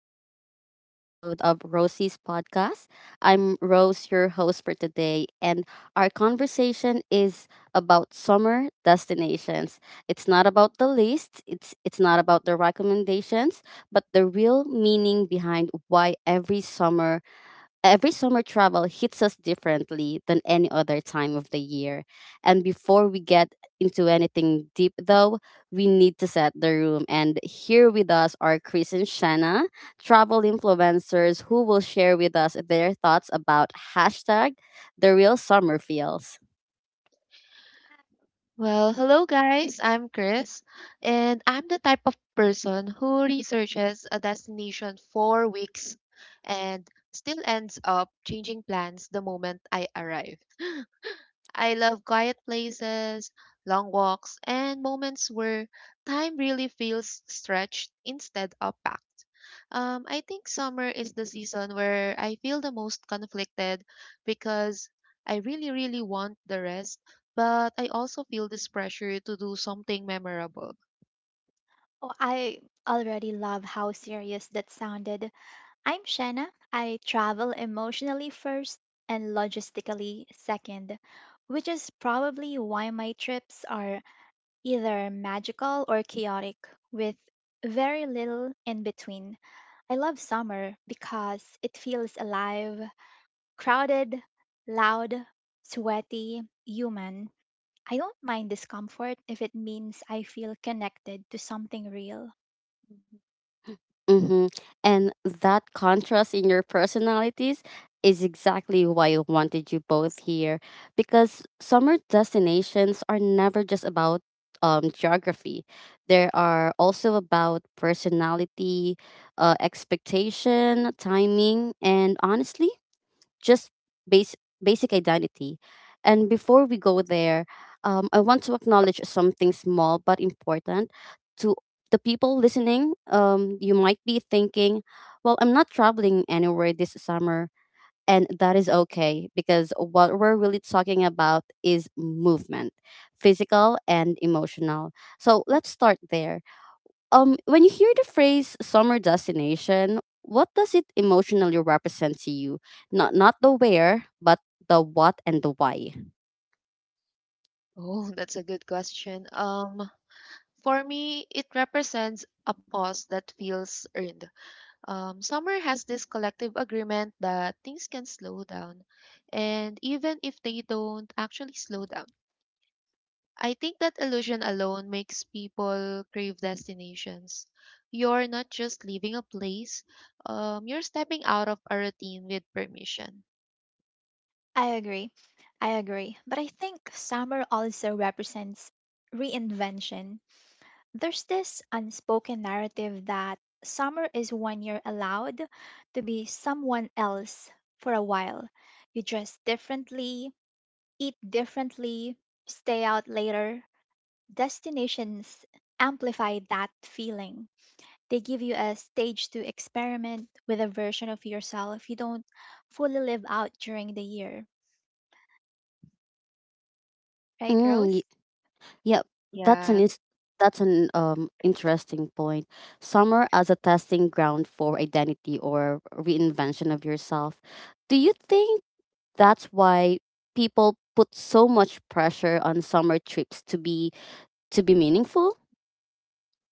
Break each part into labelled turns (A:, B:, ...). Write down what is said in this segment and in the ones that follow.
A: to another episode of Rosie's podcast. I'm Rose, your host for today, and our conversation is about summer destinations. It's not about the list, it's not about the recommendations, but the real meaning behind why every summer travel hits us differently than any other time of the year. And before we get into anything deep, though, we need to set the room. And here with us are Chris and Shanna, travel influencers who will share with us their thoughts about hashtag the real summer feels.
B: Well, hello guys, I'm Chris, and I'm the type of person who researches a destination for weeks and still ends up changing plans the moment I arrive. I love quiet places, long walks, and moments where time really feels stretched instead of packed. I think summer is the season where I feel the most conflicted because I really, really want the rest, but I also feel this pressure to do something memorable.
C: Oh, I already love how serious that sounded. I'm Shanna. I travel emotionally first and logistically second, which is probably why my trips are either magical or chaotic, with very little in between. I love summer because it feels alive, crowded, loud, sweaty, human. I don't mind discomfort if it means I feel connected to something real.
A: Mm-hmm. And that contrast in your personalities is exactly why I wanted you both here. Because summer destinations are never just about geography, they are also about personality, expectation, timing, and honestly, just base, basic identity. And before we go there, I want to acknowledge something small but important to the people listening. You might be thinking, well, I'm not traveling anywhere this summer. And that is okay because what we're really talking about is movement, physical and emotional. So
B: Mm.
A: let's start there. When you hear the phrase summer destination, what does it emotionally represent to you? Not the where, but the what and the why.
B: Oh, that's a good question. For me, it represents a pause that feels earned. Summer has this collective agreement that things can slow down, and even if they don't actually slow down. I think that illusion alone makes people crave destinations. You're not just leaving a place, you're stepping out of a routine with permission.
C: I agree. I agree, but I think summer also represents reinvention. There's this unspoken narrative that summer is when you're allowed to be someone else for a while. You dress differently, eat differently, stay out later. Destinations amplify that feeling. They give you a stage to experiment with a version of yourself you don't fully live out during the year. Right,
A: Mm, y-
C: Rose?
A: yeah, that's an
B: Yeah.
A: is that's an interesting point. Summer as a testing ground for identity or reinvention of yourself. Do you think that's why people put so much pressure on summer trips to be meaningful?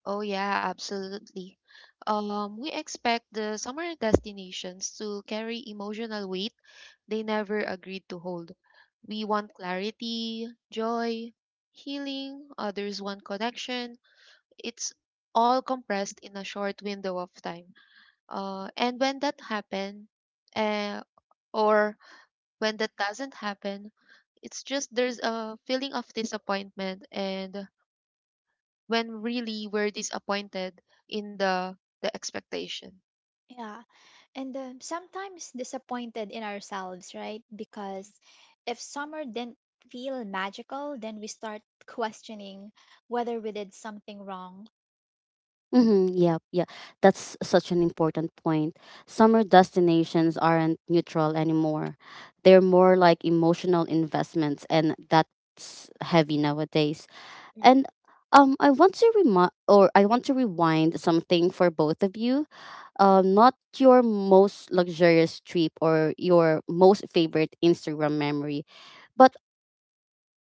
B: Oh, yeah, absolutely. We expect the summer destinations to carry emotional weight they never agreed to hold. We want clarity, joy, healing, others want connection. It's all compressed in a short window of time. And when that happen, uh, or when that doesn't happen, it's just there's a feeling of disappointment and when really we're disappointed in the expectation.
C: Yeah. And sometimes disappointed in ourselves, right? Because if summer didn't feel magical, then we start questioning whether we did something wrong.
A: Mm-hmm. Yeah, yeah. That's such an important point. Summer destinations aren't neutral anymore. They're more like emotional investments, and that's heavy nowadays.
B: Mm.
A: And I want to rewind something for both of you. Not your most luxurious trip or your most favorite Instagram memory, but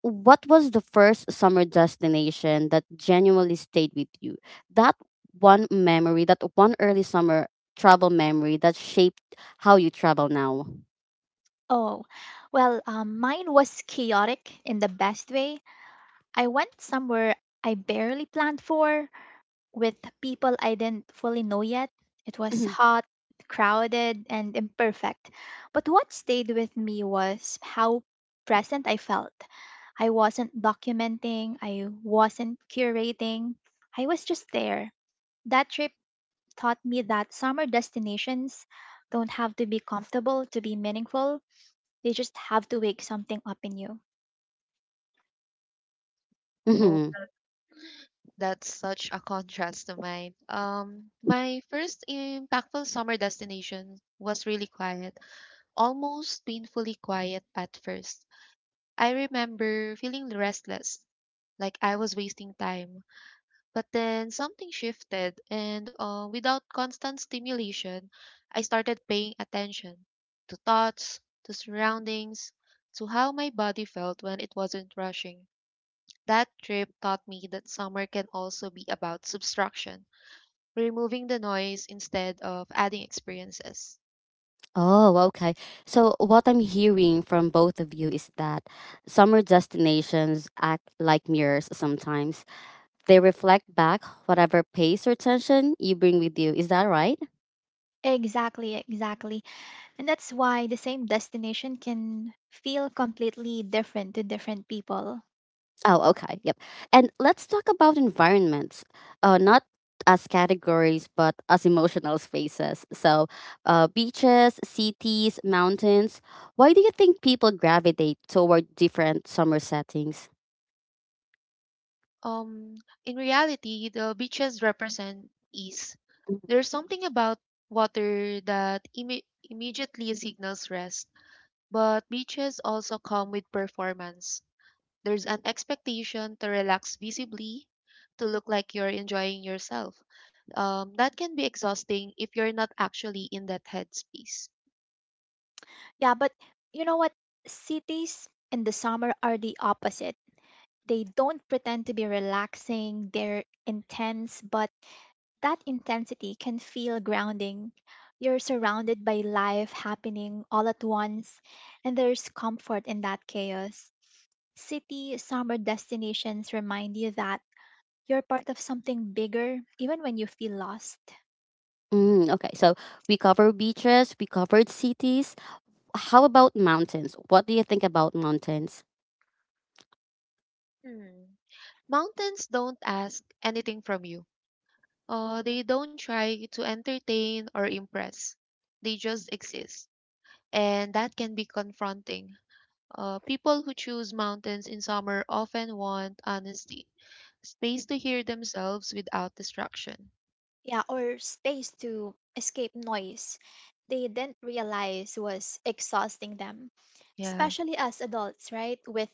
A: what was the first summer destination that genuinely stayed with you? That one memory, that one early summer travel memory that shaped how you travel now.
C: Oh, well, mine was chaotic in the best way. I went somewhere I barely planned for with people I didn't fully know yet. It was
A: Mhm.
C: hot, crowded, and imperfect. But what stayed with me was how present I felt. I wasn't documenting, I wasn't curating. I was just there. That trip taught me that summer destinations don't have to be comfortable to be meaningful, they just have to wake something up in you.
B: Oh,
A: Mhm.
B: that's such a contrast to mine. My first impactful summer destination was really quiet, almost painfully quiet at first. I remember feeling restless, like I was wasting time. But then something shifted, and without constant stimulation, I started paying attention to thoughts, to surroundings, to how my body felt when it wasn't rushing. That trip taught me that summer can also be about subtraction, removing the noise instead of adding experiences.
A: Oh, okay. So, what I'm hearing from both of you is that summer destinations act like mirrors sometimes. They reflect back whatever pace or tension you bring with you. Is that right?
C: Exactly, exactly. And that's why the same destination can feel completely different to different people.
A: Oh, okay. Yep. And let's talk about environments, not as categories, but as emotional spaces. So, beaches, cities, mountains. Why do you think people gravitate toward different summer settings?
B: Um, in reality, the beaches represent ease. There's something about water that immediately signals rest. But beaches also come with performance. There's an expectation to relax visibly, to look like you're enjoying yourself. That can be exhausting if you're not actually in that headspace.
C: Yeah, but you know what? Cities in the summer are the opposite. They don't pretend to be relaxing, they're intense, but that intensity can feel grounding. You're surrounded by life happening all at once, and there's comfort in that chaos. City summer destinations remind you that you're part of something bigger, even when you feel lost.
A: Mm, okay, so we covered beaches, we covered cities. How about mountains? What do you think about mountains?
B: Hmm. Mountains don't ask anything from you. They don't try to entertain or impress. They just exist, and that can be confronting. People who choose mountains in summer often want honesty, space to hear themselves without distraction.
C: Yeah, or space to escape noise they didn't realize was exhausting them,
B: Yeah,
C: especially as adults, right? With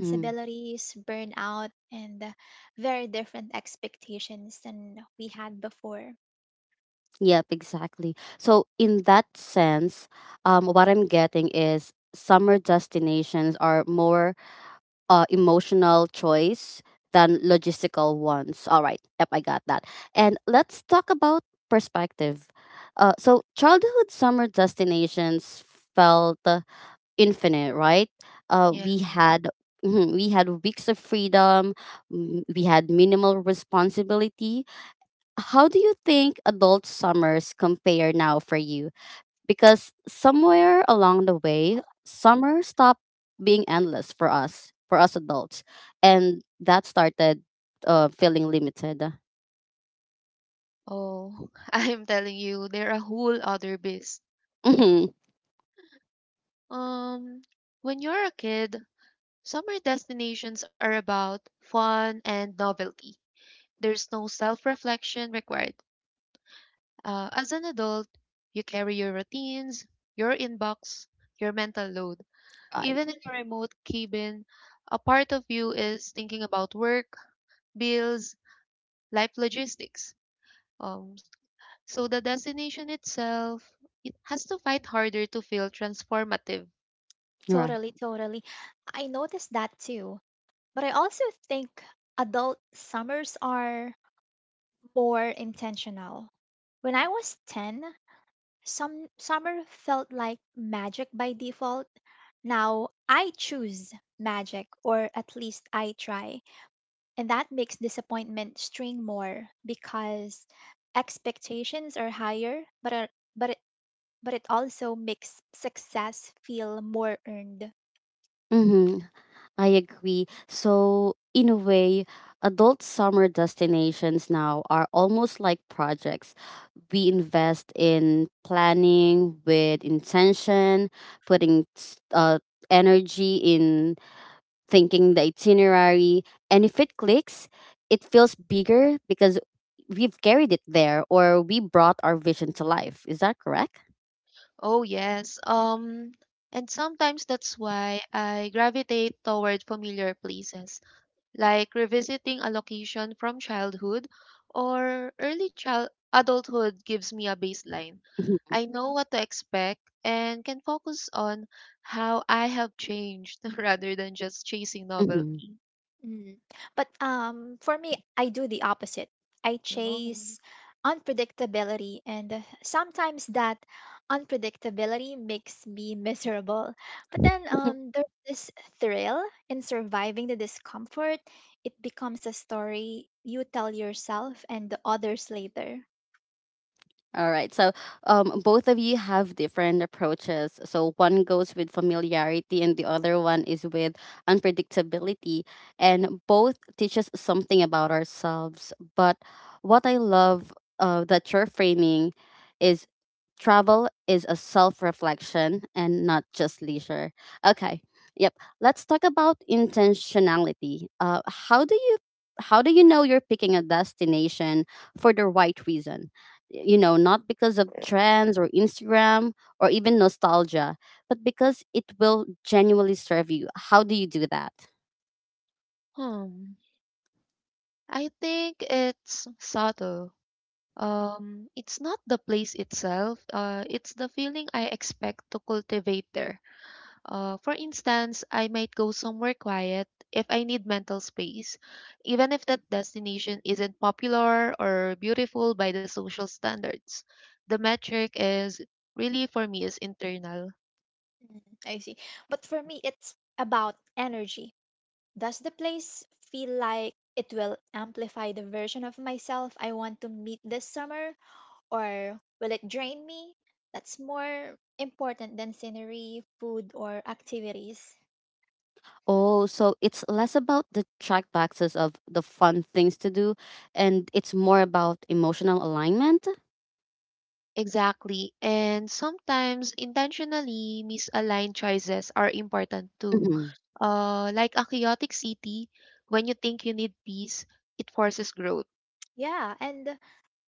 A: Mm,
C: burnout, and very different expectations than we had before.
A: yep, exactly. So, in that sense, what I'm getting is summer destinations are more emotional choice than logistical ones. All right. Yep, I got that. And let's talk about perspective. So, childhood summer destinations felt infinite, right?
B: yeah.
A: We had mhm, we had weeks of freedom. Mm, We had minimal responsibility. How do you think adult summers compare now for you? Because somewhere along the way, summer stopped being endless for us adults, and that started feeling limited.
B: Oh, I'm telling you, they're a whole other beast.
A: Mhm.
B: Um, when you're a kid, summer destinations are about fun and novelty. There's no self reflection required. As an adult, you carry your routines, your inbox, your mental load.
A: Right.
B: Even in a remote cabin, a part of you is thinking about work, bills, life logistics. Um, so the destination itself, it has to fight harder to feel transformative.
A: Right.
C: Totally, totally. I noticed that too. But I also think adult summers are more intentional. When I was 10, some summer felt like magic by default. Now I choose magic, or at least I try. And that makes disappointment sting more because expectations are higher, but it, but it also makes success feel more earned.
A: Mm-hmm. I agree. So, in a way, adult summer destinations now are almost like projects. We
B: Yeah.
A: invest in planning with intention, putting energy in thinking the itinerary. And if it clicks, it feels bigger because we've carried it there or we brought our vision to life. Is that correct?
B: Oh, yes. And sometimes that's why I gravitate toward familiar places, like revisiting a location from childhood or early child adulthood gives me a baseline.
A: Mhm,
B: I know what to expect and can focus on how I have changed rather than just chasing
A: mhm.
B: novelty.
C: Mm. But for me, I do the opposite. I
B: Oh.
C: chase unpredictability, and sometimes that unpredictability makes me miserable. But then um, there's this thrill in surviving the discomfort. It becomes a story you tell yourself and the others later.
A: All right. So, both of you have different approaches. So, one goes with familiarity, and the other one is with unpredictability. And both teach us something about ourselves. But what I love that you're framing is travel is a self reflection and not just leisure. Okay. Yep. Let's talk about intentionality. How do you know you're picking a destination for the right reason? You know, not because of trends or Instagram or even nostalgia, but because it will genuinely serve you. How do you do that?
B: Hmm. I think it's subtle. It's not the place itself. It's the feeling I expect to cultivate there. For instance, I might go somewhere quiet if I need mental space, even if that destination isn't popular or beautiful by the social standards. The metric is really for me is internal.
C: Mm, I see. But for me, it's about energy. Does the place feel like it will amplify the version of myself I want to meet this summer, or will it drain me? That's more important than scenery, food, or activities.
A: Oh, so it's less about the check boxes of the fun things to do and it's more about emotional alignment?
B: Exactly. And sometimes intentionally misaligned choices are important too.
A: Mm-hmm.
B: Like a chaotic city, when you think you need peace, it forces growth.
C: Yeah, and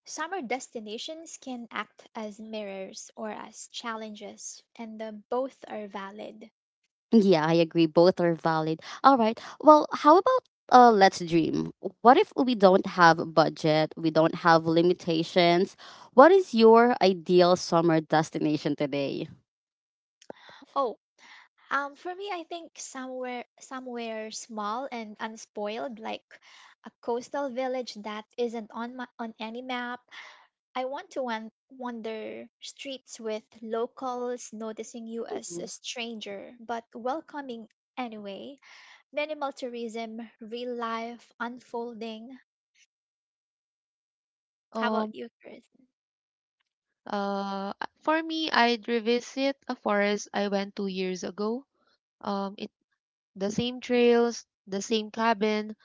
C: summer destinations can act as mirrors or as challenges, and both are valid.
A: Yeah, I agree. Both are valid. All right. Well, how about let's dream. What if we don't have a budget? We don't have limitations. What is your ideal summer destination today?
C: Oh, for me, I think somewhere small and unspoiled, like a coastal village that isn't on any map. I want to wander streets with locals noticing you as
A: Mm-hmm.
C: a stranger, but welcoming anyway. Minimal tourism, real life unfolding. How about
B: Um,
C: you, Chris?
B: Uh, for me, I'd revisit a forest I went 2 years ago. It The same trails, the same cabin,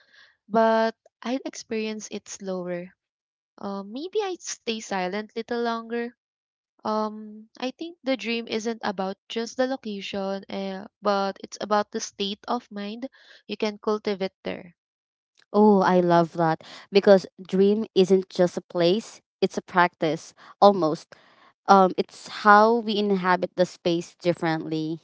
B: but I'd experience it slower. Maybe I'd stay silent little longer. I think the dream isn't about just the location, eh, but it's about the state of mind you can cultivate there.
A: Oh, I love that because dream isn't just a place, it's a practice almost. It's how we inhabit the space differently.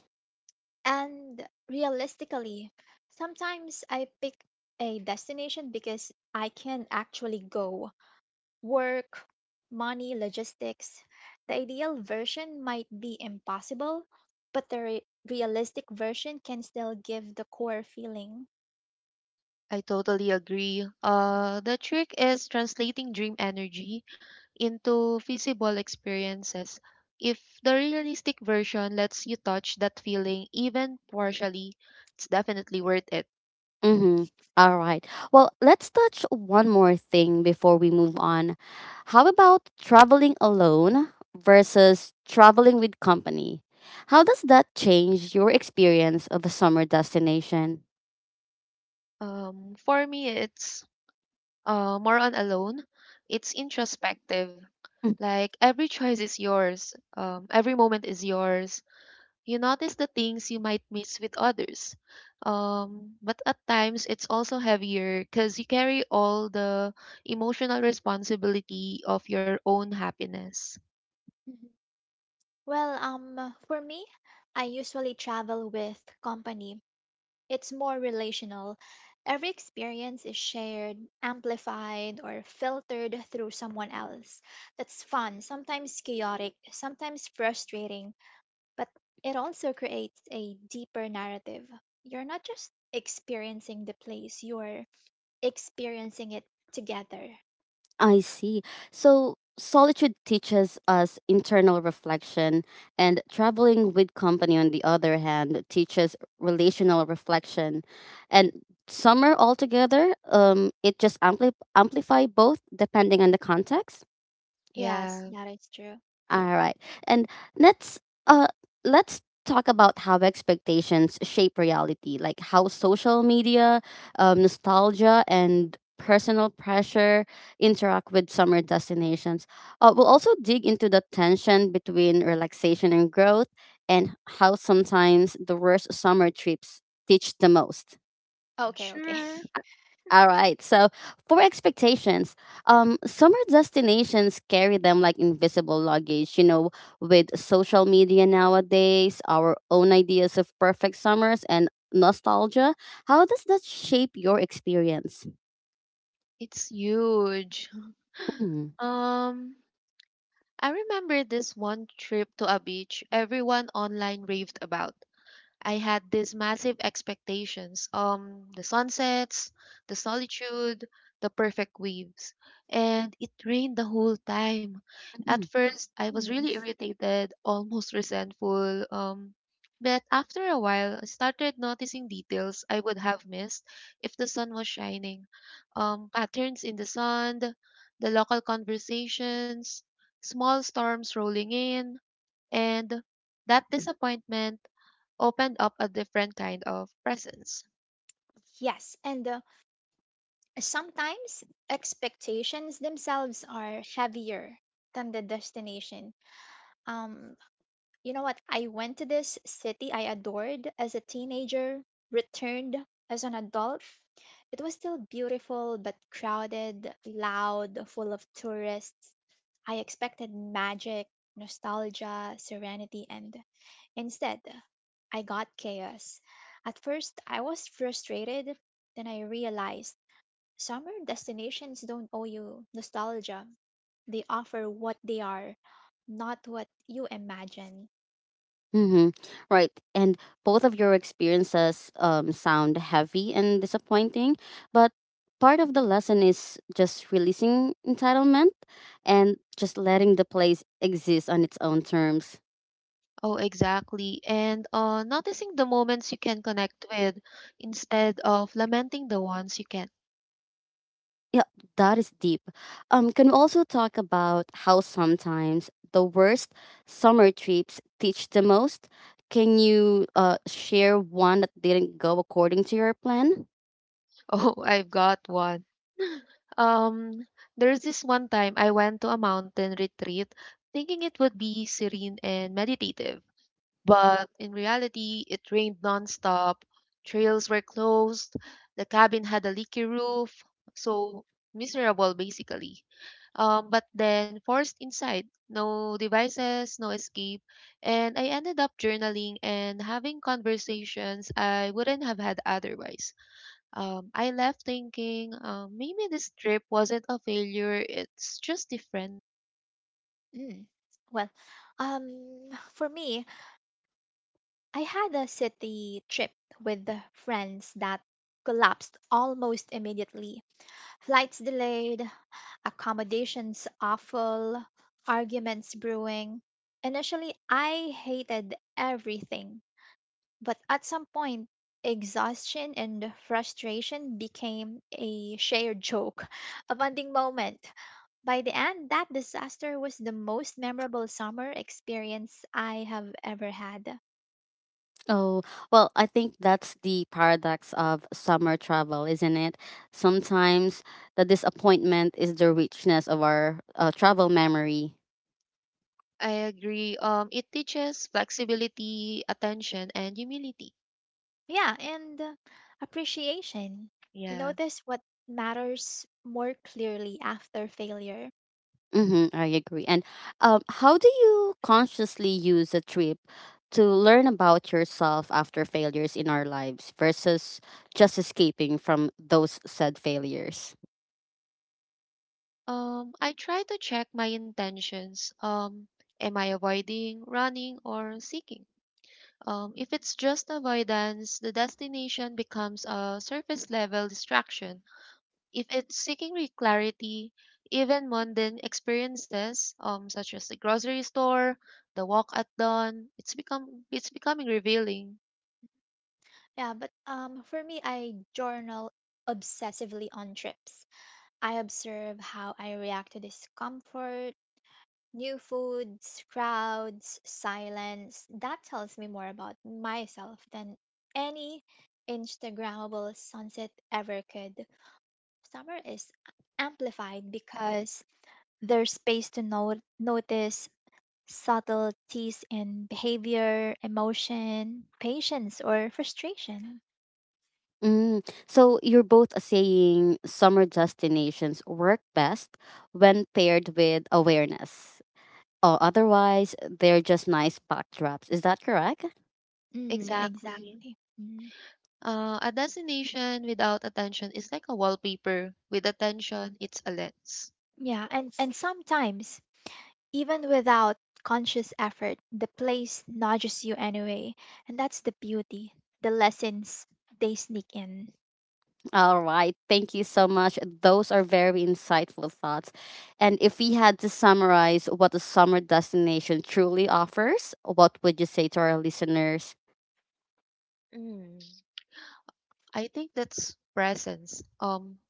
C: And realistically, sometimes I pick a destination because I can actually go work, money, logistics. The ideal version might be impossible, but the realistic version can still give the core feeling.
B: I totally agree. The trick is translating dream energy into feasible experiences. If the realistic version lets you touch that feeling even partially, it's definitely worth it.
A: Mhm. All right. Well, let's touch one more thing before we move on. How about traveling alone versus traveling with company? How does that change your experience of a summer destination?
B: For me, it's more on alone. It's introspective. Like every choice is yours. Every moment is yours. You notice the things you might miss with others. But at times it's also heavier because you carry all the emotional responsibility of your own happiness.
C: Mhm. Well, for me, I usually travel with company. It's more relational. Every experience is shared, amplified, or filtered through someone else. That's fun, sometimes chaotic, sometimes frustrating, but it also creates a deeper narrative. You're not just experiencing the place, you're experiencing it together.
A: I see. So solitude teaches us internal reflection, and traveling with company, on the other hand, teaches relational reflection. And some are all together. It just amplify both depending on the context.
C: Yes,
B: Yeah,
C: that is true.
A: All right. And let's uh let's talk about how expectations shape reality, like how social media, nostalgia and personal pressure interact with summer destinations. We'll also dig into the tension between relaxation and growth and how sometimes the worst summer trips teach the most.
B: I'm
C: Okay, okay.
B: sure.
A: All right. So for expectations, summer destinations carry them like invisible luggage. You know, with social media nowadays, our own ideas of perfect summers and nostalgia. How does that shape your experience?
B: It's huge.
A: Mm.
B: Um, I remember this one trip to a beach everyone online raved about. I had these massive expectations. The sunsets, the solitude, the perfect waves. And it rained the whole time. At first, I was
C: Mm,
B: really irritated, almost resentful. But after a while, I started noticing details I would have missed if the sun was shining. Patterns in the sand, the local conversations, small storms rolling in, and that disappointment opened up a different kind of presence.
C: yes, and sometimes expectations themselves are heavier than the destination. Um, you know what? I went to this city I adored as a teenager, returned as an adult. It was still beautiful, but crowded, loud, full of tourists. I expected magic, nostalgia, serenity, and instead, I got chaos. At first, I was frustrated, then I realized summer destinations don't owe you nostalgia. They offer what they are, not what you imagine.
A: Mm-hmm. Right. And both of your experiences sound heavy and disappointing, but part of the lesson is just releasing entitlement and just letting the place exist on its own terms.
B: Oh, exactly. And noticing the moments you can connect with instead of lamenting the ones you can't.
A: Yeah, that is deep. Can we also talk about how sometimes the worst summer trips teach the most? Can you share one that didn't go according to your plan?
B: Oh, I've got one. Um, there's this one time I went to a mountain retreat thinking it would be serene and meditative. But in reality, it rained nonstop, trails were closed, the cabin had a leaky roof, so miserable basically. But then forced inside. No devices, no escape. And I ended up journaling and having conversations I wouldn't have had otherwise. I left thinking maybe this trip wasn't a failure, it's just different.
C: Mm. Well, for me, I had a city trip with friends that collapsed almost immediately. Flights delayed, accommodations awful, arguments brewing. Initially, I hated everything but at some point, exhaustion and frustration became a shared joke, a bonding moment. By the end, that disaster was the most memorable summer experience I have ever had.
A: Oh, well, I think that's the paradox of summer travel, isn't it? Sometimes the disappointment is the richness of our travel memory.
B: I agree. It teaches flexibility, attention, and humility.
C: Yeah, and appreciation. You
B: Yeah.
C: notice what matters more clearly after failure.
A: Mm-hmm, I agree. And how do you consciously use a trip to learn about yourself after failures in our lives versus just escaping from those said failures?
B: I try to check my intentions. Am I avoiding, running, or seeking? If it's just avoidance, the destination becomes a surface level distraction. If it's seeking clarity, even mundane experiences, such as the grocery store, the walk at dawn, it's becoming revealing.
C: Yeah, but for me, I journal obsessively on trips. I observe how I react to discomfort, new foods, crowds, silence. That tells me more about myself than any Instagrammable sunset ever could. Summer is amplified because there's space to notice subtleties in behavior, emotion, patience, or frustration.
A: Mm. So you're both saying summer destinations work best when paired with awareness. Oh, otherwise, they're just nice backdrops. Is that correct?
C: Mm,
B: Exactly.
C: exactly. Mm.
B: A destination without attention is like a wallpaper. With attention, it's a lens.
C: Yeah, and sometimes even without conscious effort, the place nudges you anyway, and that's the beauty. The lessons they sneak in.
A: All right. Thank you so much. Those are very insightful thoughts. And if we had to summarize what a summer destination truly offers, what would you say to our listeners?
B: Mm, I think that's presence.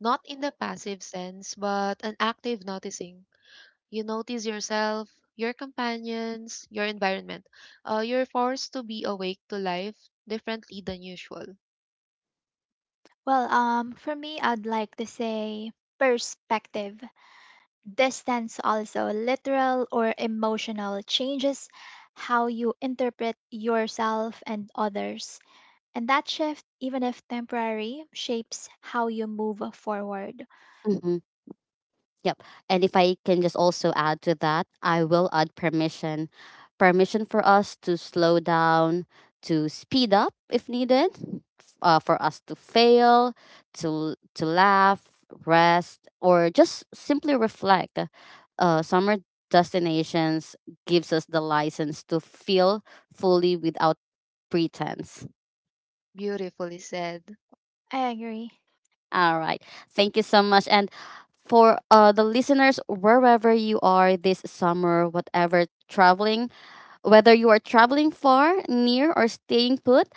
B: Not in the passive sense, but an active noticing. You notice yourself, your companions, your environment. You're forced to be awake to life differently than usual.
C: Well, for me, I'd like to say perspective. Distance also literal or emotional changes how you interpret yourself and others. And that shift, even if temporary, shapes how you move forward.
A: Mm-hmm. Yep. And if I can just also add to that, I will add permission. Permission for us to slow down, to speed up if needed, for us to fail, to laugh, rest, or just simply reflect. Summer destinations gives us the license to feel fully without pretense.
B: Beautifully said.
C: I agree.
A: All right. Thank you so much. And for the listeners, wherever you are this summer, whatever traveling, whether you are traveling far, near, or staying put,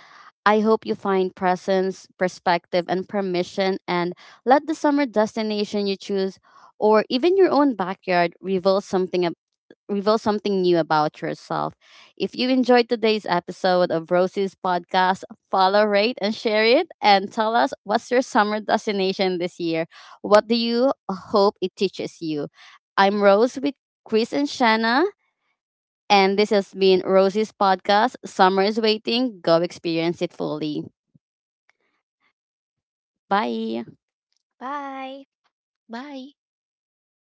A: I hope you find presence, perspective, and permission. And let the summer destination you choose, or even your own backyard, reveal something new about yourself. If you enjoyed today's episode of Rosie's podcast, follow, rate, and share it. And tell us, what's your summer destination this year? What do you hope it teaches you? I'm Rose with Chris and Shanna, and
B: Mm.
A: this has been Rosie's podcast. Summer is waiting. Go experience it fully. Bye.
C: Bye.
B: Bye.